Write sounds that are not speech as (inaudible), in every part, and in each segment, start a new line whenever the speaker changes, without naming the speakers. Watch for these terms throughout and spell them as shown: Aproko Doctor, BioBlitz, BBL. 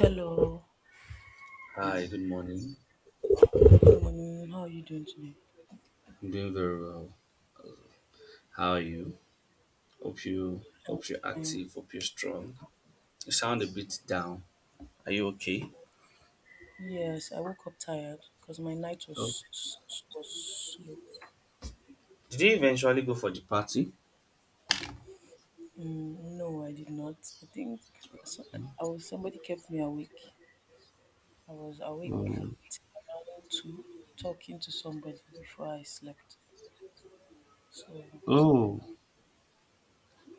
Hello.
Hi, good morning.
Good morning. How are you doing today?
I'm doing very well. How are you? Hope you
I'm
hope you're
fine.
active, hope you're strong. You sound a bit down. Are you okay?
Yes, I woke up tired because my night
Oh.
was was slow.
Did you eventually go for the party?
No, I did not. I think so, I was somebody kept me awake. I was awake
Oh,
till around two, talking to somebody before I slept. So
oh,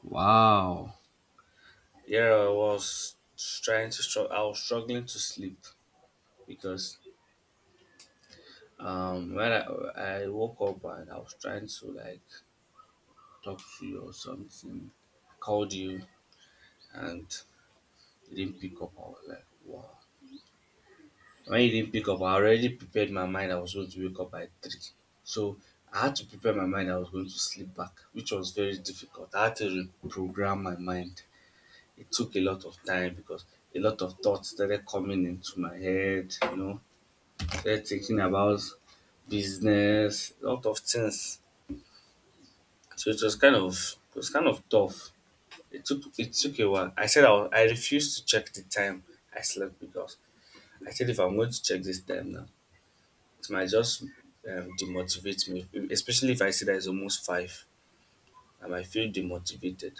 wow. Yeah, I was trying to struggle. I was struggling to sleep because when I woke up and I was trying to like talk to you or something. I called you and you didn't pick up. I was like, wow. When you didn't pick up, I already prepared my mind I was going to wake up by three. So I had to prepare my mind I was going to sleep back, which was very difficult. I had to reprogram my mind. It took a lot of time because a lot of thoughts started coming into my head, started thinking about business, a lot of things. So it was kind of tough. It took a while. I said I refused to check the time I slept because I said if I'm going to check this time now, it might just demotivate me, especially if I see that it's almost five. I might feel demotivated.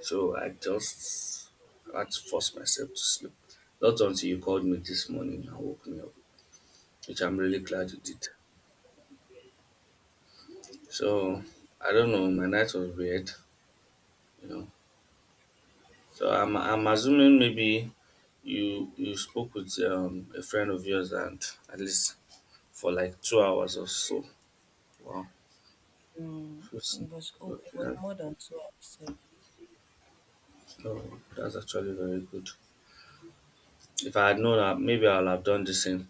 So I just had to force myself to sleep. Not until you called me this morning and woke me up, which I'm really glad you did. So I don't know, my night was weird, you know. So I'm assuming maybe you spoke with a friend of yours and at least for like 2 hours or so. Wow.
mm,
That's-
it was it
Okay,
was
that,
more than 2 hours. So,
oh, that's actually very good. If I had known, that, maybe I'll have done the same.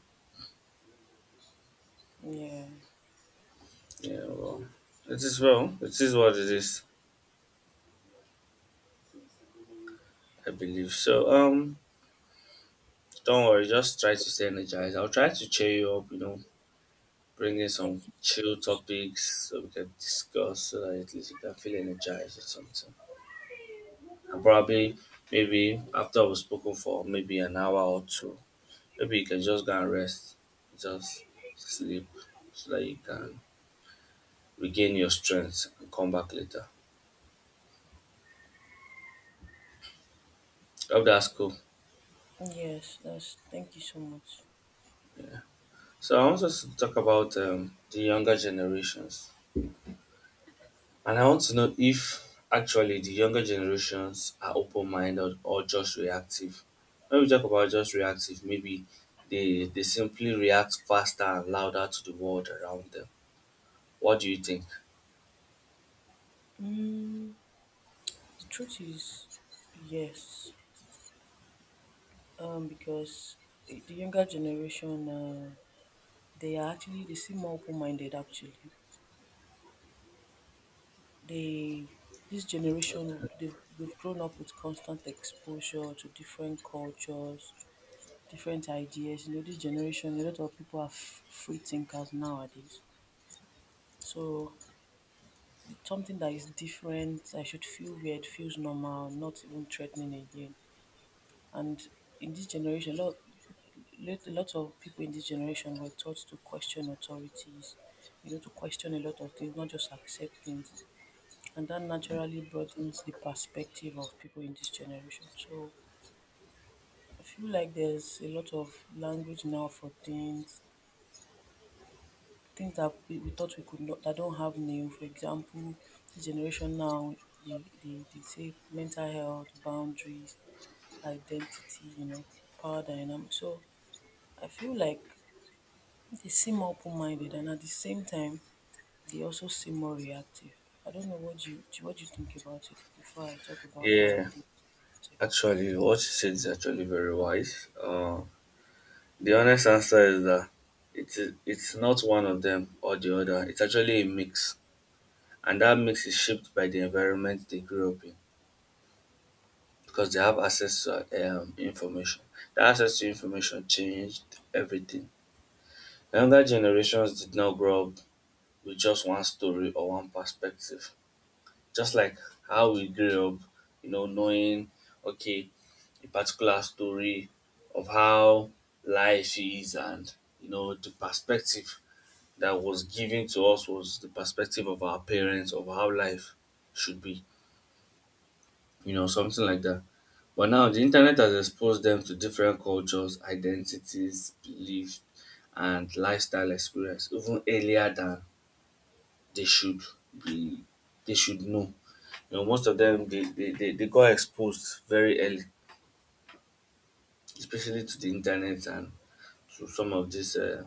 yeah.
Yeah, well. It is what it is. I believe so. Don't worry. Just try to stay energized. I'll try to cheer you up. You know, bring in some
Thank you.
chill topics so we can discuss, so that at least you can feel energized or something. And probably, maybe after we've spoken for maybe an hour or two, maybe you can just go and rest, just sleep, so that you can regain your strength and come back later. Hope that's cool.
Yes, that's thank you so much.
So I want us to talk about the younger generations, and I want to know if actually the younger generations are open-minded or just reactive. When we talk about just reactive, maybe they simply react faster and louder to the world around them. What do you think?
Mm. The truth is, yes, because the younger generation, they are actually they seem more open-minded. Actually, they this generation they've grown up with constant exposure to different cultures, different ideas. You know, this generation, a lot of people are free thinkers nowadays. So it's something that is different, I should feel weird, feels normal, not even threatening again. And in this generation, a lot of people in this generation were taught to question authorities, you know, to question a lot of things, not just accept things. And that naturally brought in the perspective of people in this generation. So I feel like there's a lot of language now for things, things that we thought we could not, that don't have name. For example, the generation now, they say mental health, boundaries, identity, you know, power dynamics. So I feel like they seem more open minded and at the same time they also seem more reactive. I don't know what you think about it before I talk about what I
Yeah,
think about
actually, what you said is actually very wise. The honest answer is that it's not one of them or the other. It's actually a mix, and that mix is shaped by the environment they grew up in, because they have access to information. The access to information changed everything. Younger generations did not grow up with just one story or one perspective. Just like how we grew up, knowing, okay, a particular story of how life is and, the perspective that was given to us was the perspective of our parents, of how life should be, something like that. But now the internet has exposed them to different cultures, identities, beliefs, and lifestyle experience even earlier than they should be they should know. You know, most of them they got exposed very early, especially to the internet and to some of this uh,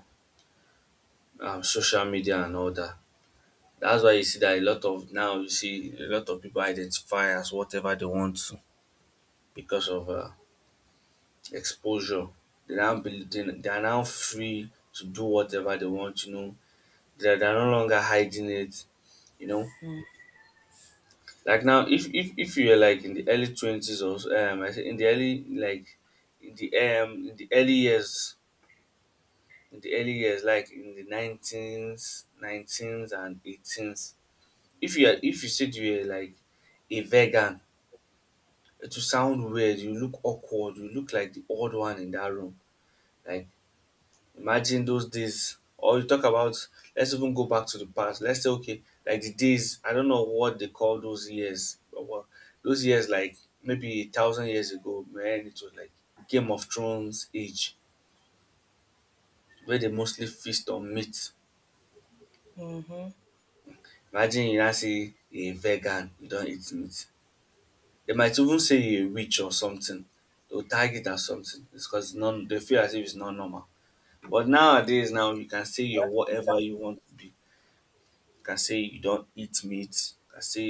um, social media and all that. That's why you see that a lot of now you see a lot of people identify as whatever they want to because of exposure. They are now free to do whatever they want, you know. They're no longer hiding it, you know.
it.
Like now, if you are like in the early 20s or so, I say in the early years, like in the nineteens and eighteens, if you said you were like a vegan, it will sound weird. You look awkward. You look like the odd one in that room. Like, imagine those days, or you talk about let's even go back to the past. Let's say okay, like the days. I don't know what they call those years. Those years, like maybe a thousand years ago, man, it was like Game of Thrones age, where they mostly feast on meat. Imagine you now say a vegan, you don't eat meat. They might even say you're a witch or something. They'll tag it as something. It's because non they feel as if it's not normal. But nowadays, now you can say you're
Mm-hmm.
whatever you want to be. Can say you don't eat meat, can say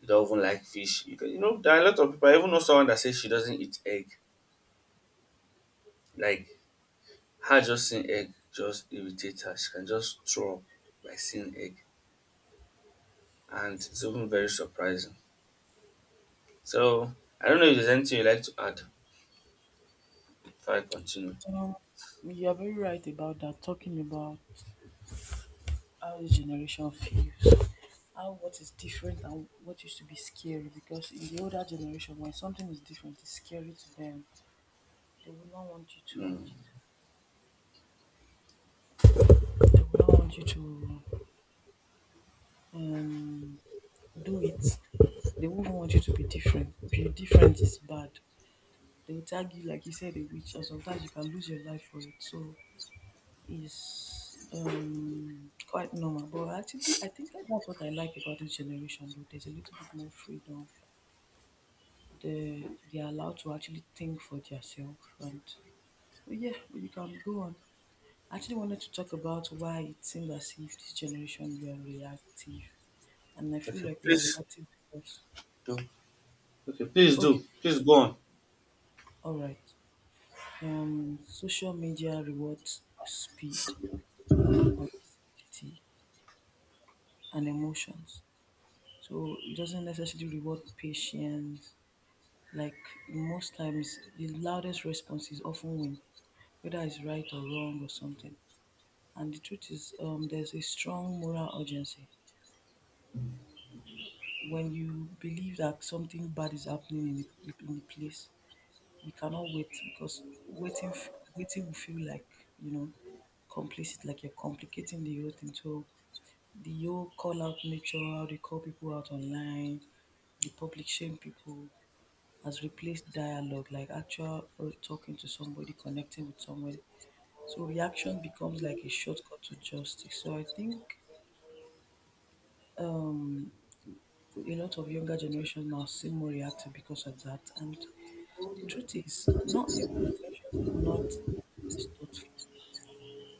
you don't even like fish. You can you know there are a lot of people. I even know someone that says she doesn't eat egg. Like her just seeing egg just irritates her. She can just throw up by seeing egg, and it's even very surprising. So I don't know if there's anything you'd like to add before I continue.
Um, you're very right about that, talking about how this generation feels, how what is different and what used to be scary. Because in the older generation, when something is different, it's scary to them. They will not want you
Mm.
to, they will not want you to um, do it. They won't want you to be different. If you're different, it's bad. They will tag you like you said a witch, and sometimes you can lose your life for it. So it's quite normal. But actually, I think that's what I like about this generation. Though there's a little bit more freedom. They they are allowed to actually think for themselves, and but yeah, but you can go on. I actually wanted to talk about why it seems as if this generation we are reactive, and I feel
Okay,
like we are
please
reactive. Because-
do. Okay, please do.
Okay,
Please go on.
all right. Social media rewards speed and visibility and emotions. So it doesn't necessarily reward patience. Like most times, the loudest response is often win, whether it's right or wrong or something. And the truth is, there's a strong moral urgency. When you believe that something bad is happening in in the place, you cannot wait because waiting will feel like you know complicit, like you're complicating the whole thing. So the whole call out nature, how they call people out online, the public shame people has replaced dialogue, like actual talking to somebody, connecting with somebody. So reaction becomes like a shortcut to justice. So I think um, a lot of younger generation now seem more reactive because of that. And the truth is, not younger generations are not less thoughtful.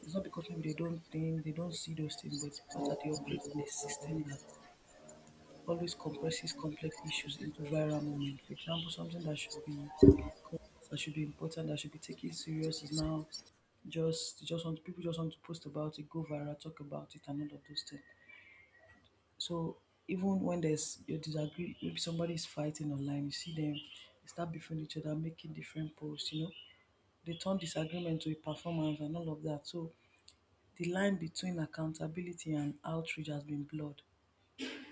It's not because maybe they don't think, they don't see those things, but it's because that they operate in a system that always compresses complex issues into viral moments. For example, something that should be complex, that should be important, that should be taken serious is now just want to post about it, go viral, talk about it, and all of those things. So even when there's you disagree, maybe somebody is fighting online, you see them they start beefing each other, making different posts. You know, they turn disagreement to a performance and all of that. So the line between accountability and outrage has been blurred.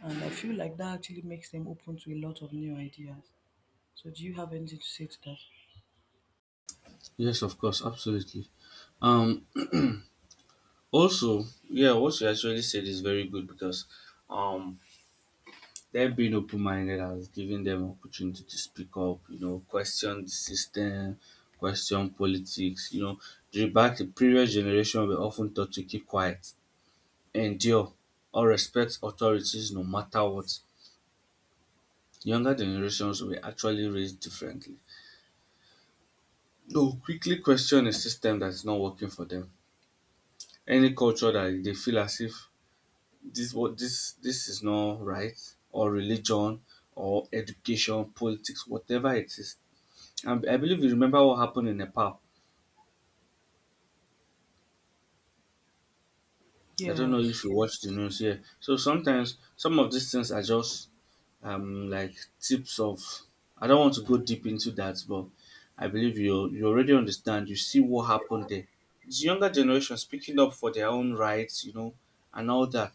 And I feel like that actually makes them open to a lot of new ideas. So do you have anything to say to that?
Yes, of course, absolutely. Um, Also, yeah, what you actually said is very good because um them being open-minded has given them opportunity to speak up, you know, question the system, question politics, you know. The previous generation were often taught to keep quiet, endure, or respect authorities no matter what. Younger generations were actually raised differently. They'll quickly question a system that's not working for them. Any culture that they feel as if this what this is not right, or religion, or education, politics, whatever it is, I believe you remember what happened in Nepal. I don't know if
Yes.
you watch the news here. So sometimes some of these things are just like tips of. I don't want to go deep into that, but I believe you already understand. You see what happened there. It's younger generation speaking up for their own rights, and all that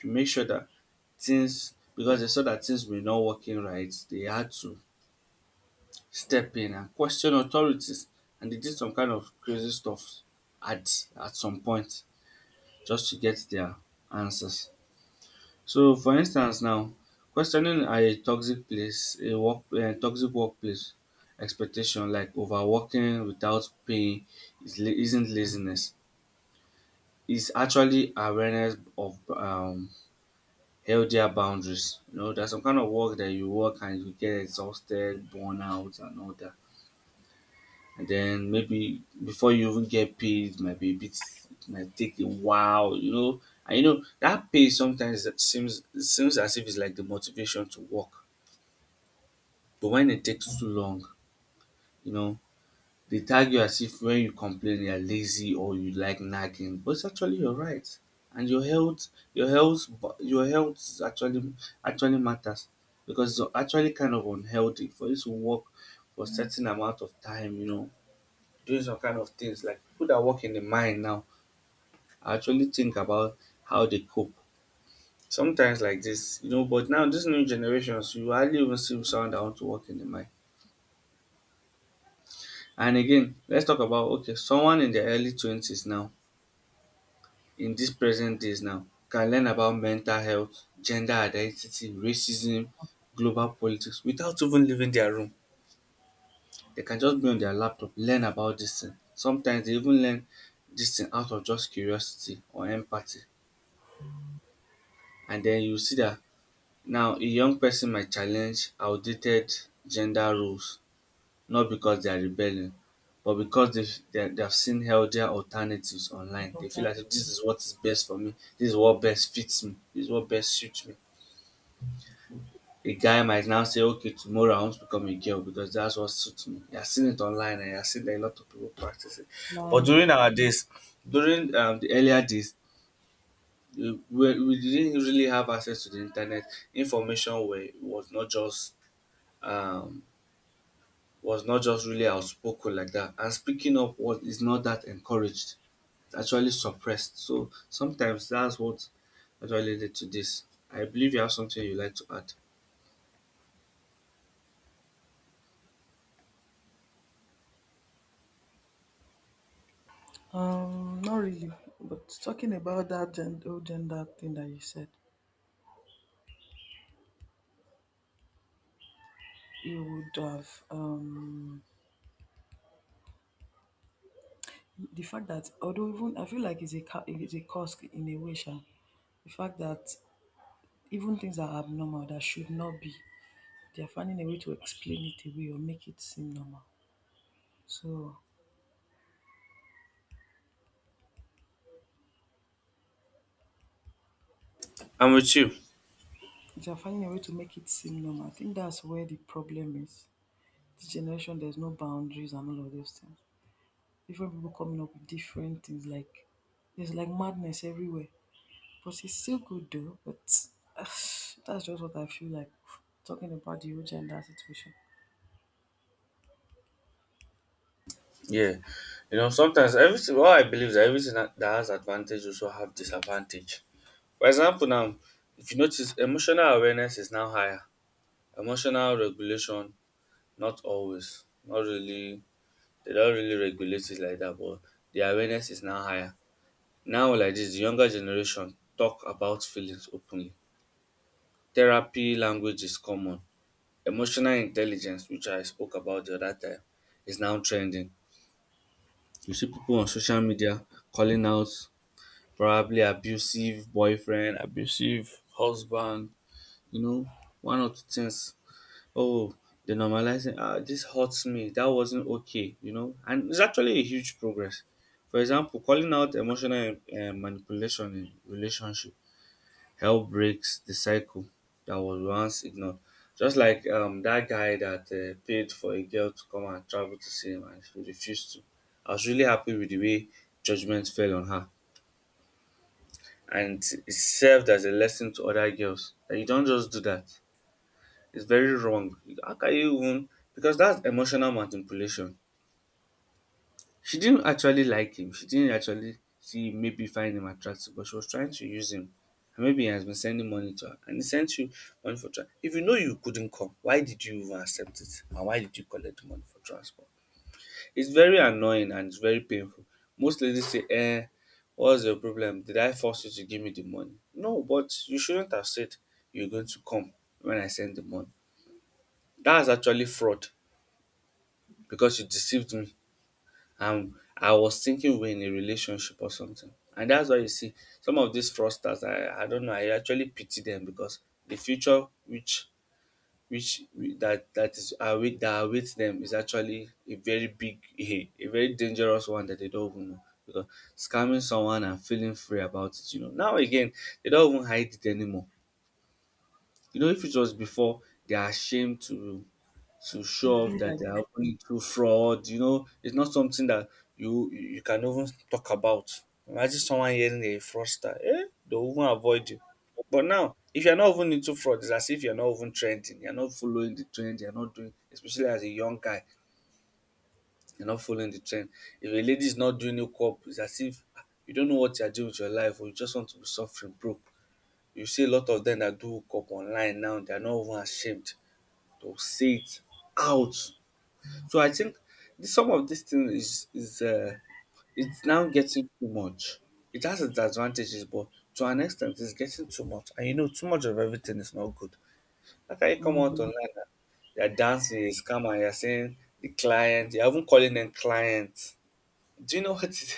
to make sure that things, because they saw that things were not working right. They had to step in and question authorities, and they did some kind of crazy stuff at some point, just to get their answers. So for instance now, questioning a toxic place, a toxic workplace expectation like overworking without pay is isn't laziness. It's actually awareness of healthier boundaries. You know, there's some kind of work that you work and you get exhausted, burnout, and all that, and then maybe before you even get paid it might be a bit, it might take a while, you know. And you know that pay sometimes it seems, it seems as if it's like the motivation to work, but when it takes too long, you know, they tag you as if when you complain you're lazy or you like nagging, but it's actually your right and your health, your health is actually actually matters, because it's actually kind of unhealthy for you to work for a certain amount of time, you know, doing some kind of things. Like people that work in the mine now, actually think about how they cope sometimes, like this, you know. But now these new generations, you hardly even see someone that want to work in the mine. And again, let's talk about okay someone in their early 20s now, in these present days, now can learn about mental health, gender identity, racism, global politics, without even leaving their room. They can just be on their laptop, learn about this thing. Sometimes they even learn this thing out of just curiosity or empathy, and then you see that now a young person might challenge outdated gender roles, not because they are rebelling, but because they have seen healthier alternatives online. They feel like this
Alternative
is what is best for me. This is what best fits me. This is what best suits me. A guy might now say, okay, tomorrow I want to become a girl because that's what suits me. He has seen it online and he has seen that a lot of people practice it. But
like,
during our days, during the earlier days, we didn't really have access to the internet. Information was not just um, really outspoken like that, and speaking up was is not that encouraged. It's actually suppressed. So sometimes that's what actually led to this. I believe you have something you like to add.
um, not really. But talking about that gen- whole gender thing that you said, it would have the fact that although even I feel like it's a it's a cause in a way, sha, the fact that even things that are abnormal that should not be, they are finding a way to explain it away or make it seem normal. So
I'm with you.
they are finding a way to make it seem normal. I think that's where the problem is. This generation, there's no boundaries and all of those things. Different people coming up with different things. Like there's like madness everywhere. But it's still good though. But (sighs) that's just what I feel like talking about the whole gender situation.
Yeah, you know sometimes everything. What I believe is that everything that that has advantage also have disadvantage. For example, now if you notice, emotional awareness is now higher. Emotional regulation. Not always. Not really. They don't really regulate it like that, but the awareness is now higher. Now, like this, the younger generation talk about feelings openly. Therapy language is common. Emotional intelligence, which I spoke about the other time, is now trending. You see people on social media calling out probably abusive boyfriend, abusive husband, you know, one or two things oh the normalizing this hurts me, that wasn't okay, and it's actually a huge progress. For example, calling out emotional manipulation in relationship help breaks the cycle that was once ignored. Just like that guy that paid for a girl to come and travel to see him and she refused to. I was really happy with the way judgment fell on her, and it served as a lesson to other girls that you don't just do that. Is very wrong. How can you even, because that's emotional manipulation. She didn't actually like him. She didn't actually see, maybe find him attractive, but she was trying to use him. And maybe he has been sending money to her. And he sent you money for transport. If you know you couldn't come, why did you even accept it? And why did you collect the money for transport? It's very annoying and it's very painful. Most ladies say, eh, what's your problem? Did I force you to give me the money? No, but you shouldn't have said you're going to come when I send the money. That's actually fraud, because you deceived me and I was thinking we are in a relationship or something. And that's why you see some of these fraudsters, I don't know, I actually pity them because the future which that is await that awaits them is actually a very big (laughs) a very dangerous one that they don't even know, because scamming someone and feeling free about it, now again they don't even hide it anymore. You know, if it was before, they are ashamed to
To
show
be
off that
like,
they are open to fraud. You know, it's not something that you can even talk about. Imagine someone hearing a fraudster, eh? They'll even avoid you. But now, if you're not even into fraud, it's as if you're not even trending. You're not following the trend. You're not doing, especially as a young guy, you're not following the trend. If a lady is not doing your up, it's as if you don't know what you're doing with your life or you just want to be suffering broke. You see a lot of them that do hookup online now, they're not even ashamed. They'll say it out. So I think some of these things is it's now getting too much. It has its advantages, but to an extent, it's getting too much. And you know, too much of everything is not good. How can you come out
mhm.
online and you're dancing, you're scammer, you're saying the client, you're even calling them clients? Do you know what it (laughs) is?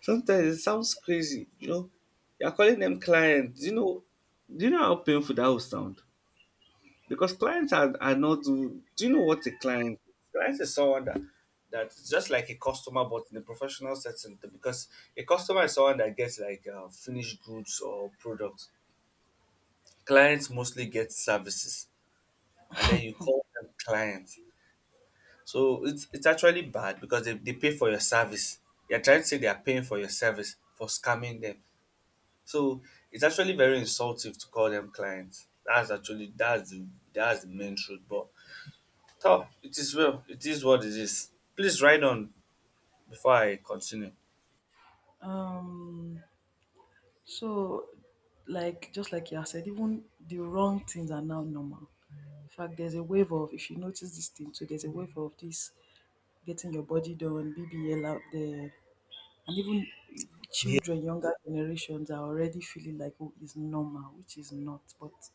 Sometimes it sounds crazy. You know, you're calling them clients. Do you know? Do you know how painful that would sound? Because clients are not, do you know what a client is? Client is someone that that's just like a customer but in a professional setting, because a customer is someone that gets like finished goods or products. Clients mostly get services, and then you call them clients. So it's actually bad because they pay for your service. You're trying to say they are paying for your service for scamming them. So it's actually very insultive to call them clients. That's actually that's the main truth. But oh, it is well. It is what it is. Please ride on before I continue.
Um, so like just like you said, even the wrong things are now normal. In fact, there's a wave of if you notice this thing too. There's a wave of this getting your body done, BBL out there, and even children, younger generations are already feeling like oh it's normal, which is not. But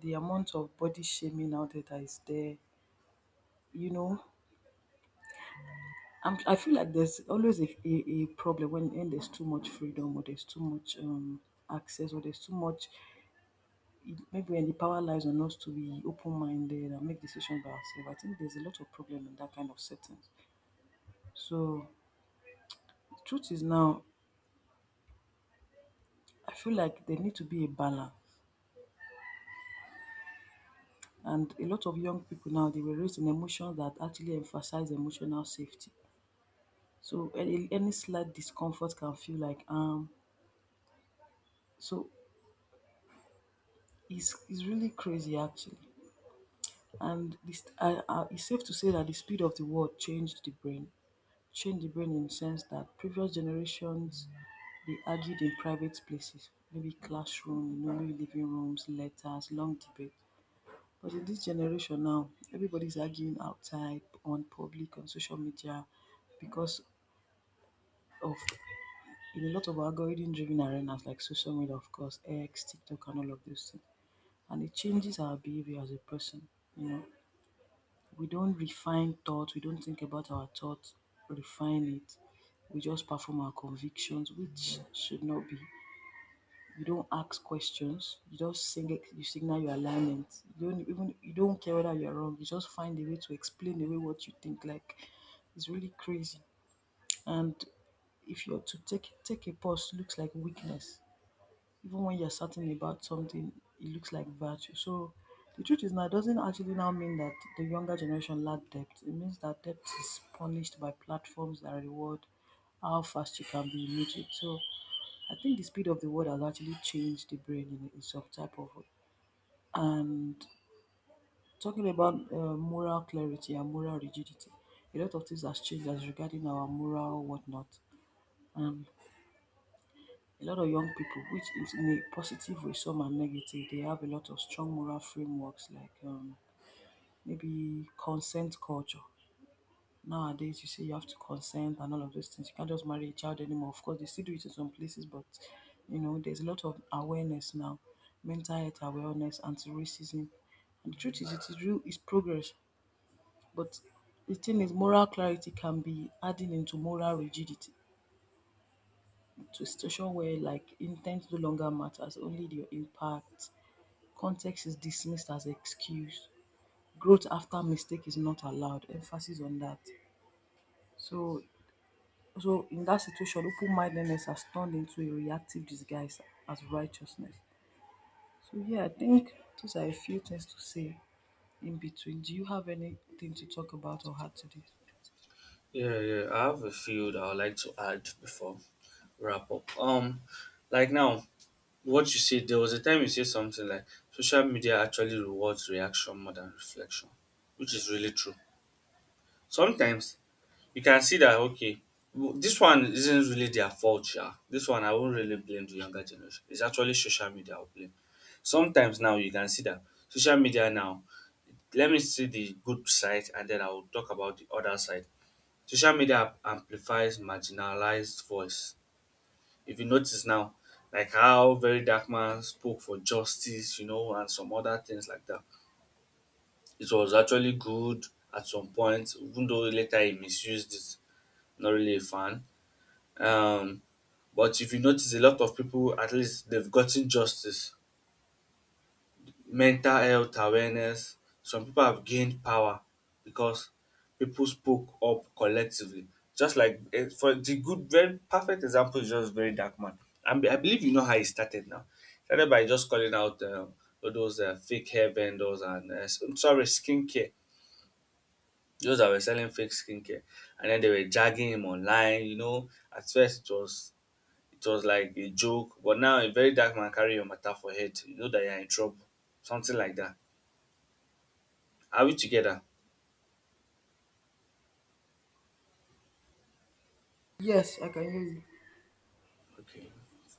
the amount of body shaming out there that is there, you know, I feel like there's always a problem when there's too much freedom or there's too much access or there's too much. Maybe when the power lies on us to be open minded and make decisions by ourselves, I think there's a lot of problem in that kind of settings. So, truth is now I feel like there need to be a balance, and a lot of young people now they were raised in emotions that actually emphasize emotional safety. So any slight discomfort can feel like. So it's really crazy actually, and this it's safe to say that the speed of the world changed the brain in the sense that previous generations they argued in private places, maybe classroom, you know, maybe living rooms, letters, long debate. But in this generation now, everybody's arguing outside on public on social media because of in a lot of algorithm driven arenas like social media, of course, X, TikTok, and all of those things. And it changes our behavior as a person. You know, we don't refine thoughts, we don't think about our thoughts, refine it. We just perform our convictions, which should not be. You don't ask questions, you just sing it, you signal your alignment. You don't even you don't care whether you're wrong, you just find a way to explain away what you think. Like it's really crazy. And if you're to take a pause looks like weakness even when you're certain about something, it looks like virtue. So the truth is now it doesn't actually now mean that the younger generation lack depth. It means that depth is punished by platforms that reward how fast you can be immediate. So I think the speed of the world has actually changed the brain in some type of way. And talking about moral clarity and moral rigidity, a lot of things has changed as regarding our moral whatnot. And a lot of young people, which is in a positive way, some are negative, they have a lot of strong moral frameworks like maybe consent culture. Nowadays, you say you have to consent and all of those things. You can't just marry a child anymore. Of course, they still do it in some places, but you know, there's a lot of awareness now, mental health awareness, anti-racism. And the truth is, it is real, it's progress. But the thing is, moral clarity can be adding into moral rigidity, to a situation where like intent no longer matters, only your impact. Context is dismissed as excuse. Growth after mistake is not allowed. Emphasis on that. So so in that situation, open mindedness has turned into a reactive disguise as righteousness. So yeah, I think those are a few things to say in between. Do you have anything to talk about or add to this?
Yeah, yeah, I have a few that I'd like to add before we wrap up. Like now, what you said, there was a time you said something like social media actually rewards reaction more than reflection, which is really true. Sometimes you can see that, okay, this one isn't really their fault, yeah. This one I won't really blame the younger generation. It's actually social media I will blame. Sometimes now you can see that social media now, let me see the good side and then I will talk about the other side. Social media amplifies marginalized voice. If you notice now, like how Very Dark Man spoke for justice, you know, and some other things like that. It was actually good at some point, even though later he misused it. Not really a fan. Um, but if you notice, a lot of people, at least they've gotten justice, mental health awareness. Some people have gained power because people spoke up collectively. Just like eh, for the good, very perfect example is just Very Dark Man. I believe you know how he started. Now, started by just calling out all those fake hair vendors and sorry, skincare. Those that were selling fake skincare, and then they were dragging him online. You know, at first it was like a joke, but now a very dark man carry your matter for head. You know that you're in trouble, something like that. Are we together?
Yes, I can hear you.
Okay.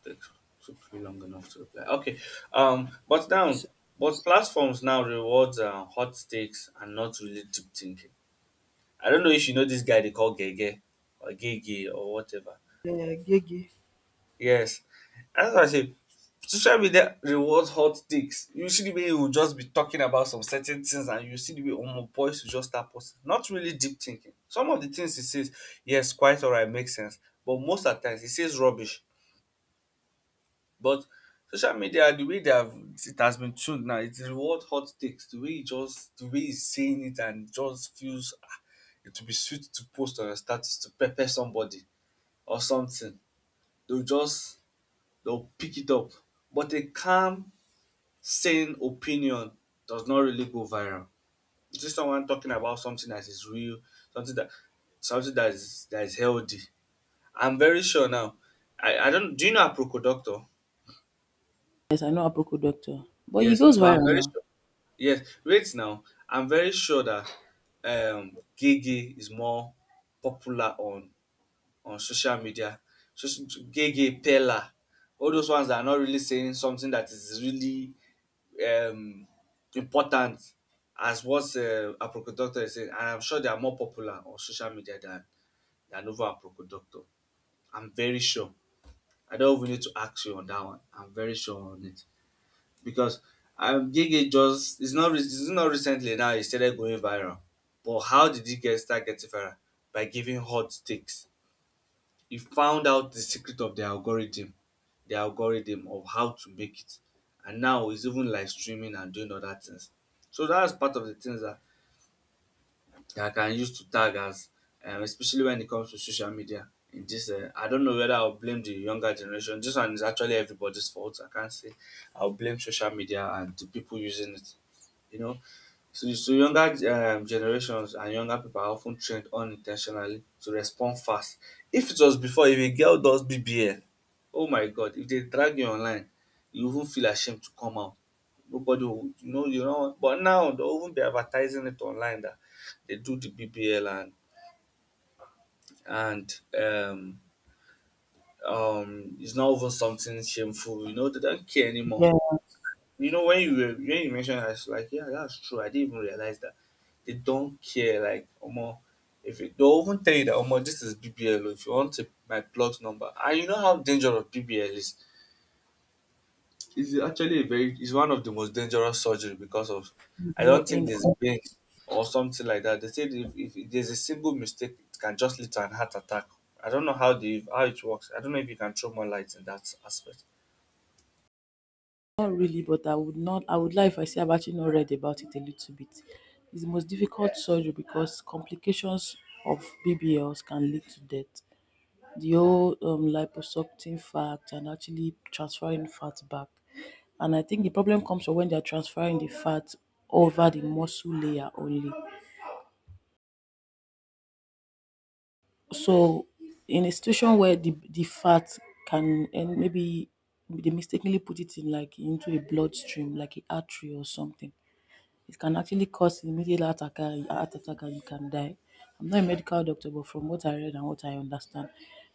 That took me long enough to reply. Okay. But now,
So,
but platforms now rewards hot takes and not really deep thinking. I don't know if you know this guy they call Gege or Gege or whatever.
yeah, Gigi.
Yes. That's what I say. Social media rewards hot takes. You see the way he will just be talking about some certain things, and you see the way Omo boys will just start posting. Not really deep thinking. Some of the things he says, yes, quite alright, makes sense. But most of the times he says rubbish. But social media, the way they have it has been tuned now, it reward hot takes. The way you just the way he's saying it and just feels ah, it will be sweet to post on your status to pepper somebody or something. They'll just they'll pick it up. But a calm, sane opinion does not really go viral. It's just someone talking about something that is real, something that something that is healthy. I'm very sure now. I don't Do you know a Procodoctor?
Yes, I know Aproko Doctor. But he
Yes,
goes
but I'm very
viral
sure. Yes, wait now. I'm very sure that Gege is more popular on social media. Just Gege, Pella, all those ones that are not really saying something that is really um, important as what Aproko Doctor is saying. And I'm sure they are more popular on social media than over Aproko Doctor. I'm very sure. I don't even need to ask you on that one. I'm very sure on it because Gigi, just it's not recently now he started going viral. But how did he get start getting viral? By giving hot takes. He found out the secret of the algorithm of how to make it, and now he's even live streaming and doing other things. So that's part of the things that, that I can use to tag us, especially when it comes to social media. In this, I don't know whether I'll blame the younger generation. This one is actually everybody's fault. I can't say I'll blame social media and the people using it, you know. So, so younger generations and younger people are often trained unintentionally to respond fast. If it was before, if a girl does BBL, oh my God, if they drag you online, you even feel ashamed to come out. Nobody will, you know, you know. But now they'll even be advertising it online that they do the BBL, and it's not even something shameful, you know, they don't care anymore.
now.
You know, when you when you mentioned that, I was like, yeah, that's true. I didn't even realize that they don't care. Like, Omo, if it, they'll even tell you that, Omo, this is BBL. Oh, if you want to, my plot number, and you know how dangerous BBL is. It's actually a very, it's one of the most dangerous surgery because of, I
Video
don't think
in
there's
on-
pain or something like that. They said if there's a single mistake, it can just lead to an heart attack. I don't know how the how it works. I don't know if you can throw more light in that aspect.
not really, but I would like if I say I've actually not read about it a little bit. It's the most difficult surgery because complications of BBLs can lead to death. The whole liposuction fact and actually transferring fat back. And I think the problem comes from when they're transferring the fat over the muscle layer only. So, in a situation where the fat can, and maybe they mistakenly put it in like into a bloodstream, like an artery or something, it can actually cause immediate heart attack and you can die. I'm not a medical doctor, but from what I read and what I understand,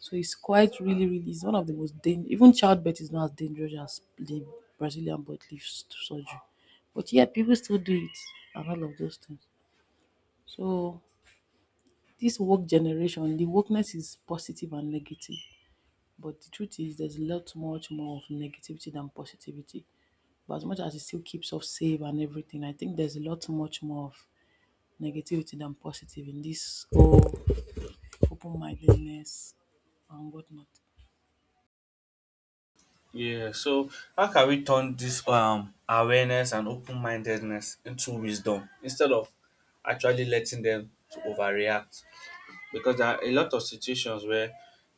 so it's quite really, really, it's one of the most dangerous. Even childbirth is not as dangerous as the Brazilian butt leaf surgery, but yet people still do it and all of those things. So this work generation, the wokeness is positive and negative, but the truth is there's a lot much more of negativity than positivity. But as much as it still keeps us safe and everything, I think there's a lot much more of negativity than positive in this whole open mindedness and whatnot.
Yeah. So how can we turn this awareness and open mindedness into wisdom instead of actually letting them to overreact? Because there are a lot of situations where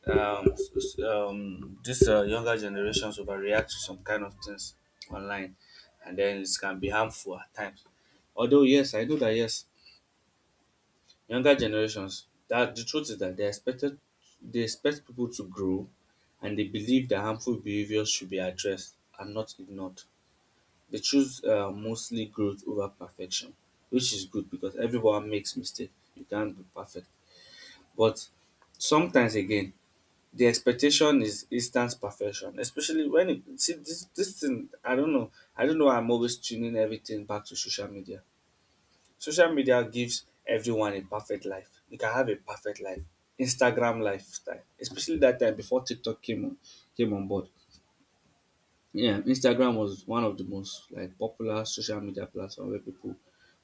this younger generations overreact to some kind of things online, and then it can be harmful at times. Although yes, I know that, yes, younger generations, that the truth is that they expect people to grow, and they believe that harmful behaviors should be addressed and not ignored. They choose mostly growth over perfection, which is good because everyone makes mistakes. You can't be perfect. But sometimes again, the expectation is instant perfection, especially when it see this thing. I don't know. I don't know why I'm always tuning everything back to social media. Social media gives everyone a perfect life. You can have a perfect life. Instagram lifestyle, especially that time before TikTok came on, came on board. Yeah, Instagram was one of the most like popular social media platform where people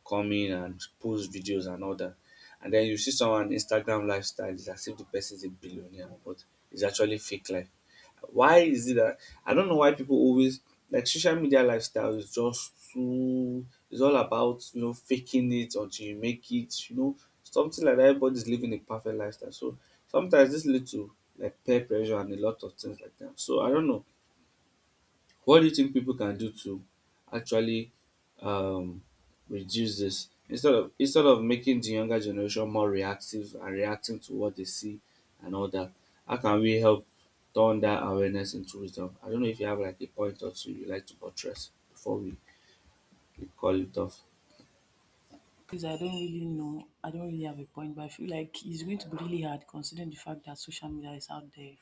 come in and post videos and all that. And then you see someone Instagram lifestyle, it's as if the person is a billionaire, but it's actually fake life. Why is it that I don't know why people always like social media lifestyle is just too, it's all about you know faking it until you make it, you know, something like that. Everybody's living a perfect lifestyle. So sometimes this leads to like peer pressure and a lot of things like that. So I don't know. What do you think people can do to actually um, reduce this instead of making the younger generation more reactive and reacting to what they see and all that? How can we help turn that awareness into wisdom? I don't know if you have like a point or two you like to buttress before we call it off.
Because I don't really know, I don't really have a point, but I feel like it's going to be really hard considering the fact that social media is out there.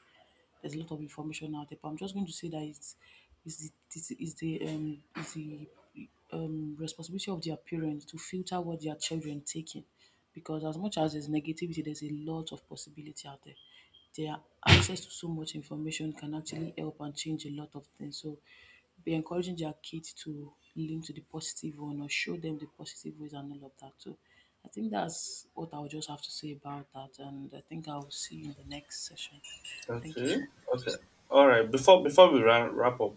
There's a lot of information out there, but I'm just going to say that it's is the it's the responsibility of their parents to filter what their children taking, because as much as there's negativity, there's a lot of possibility out there. Their access to so much information can actually help and change a lot of things. So be encouraging their kids to lean to the positive one or show them the positive ways and all of that. So I think that's what I'll just have to say about that. And I think I'll see you in the next session. Thank you so
Okay.
much.
Okay. All right. Before wrap up,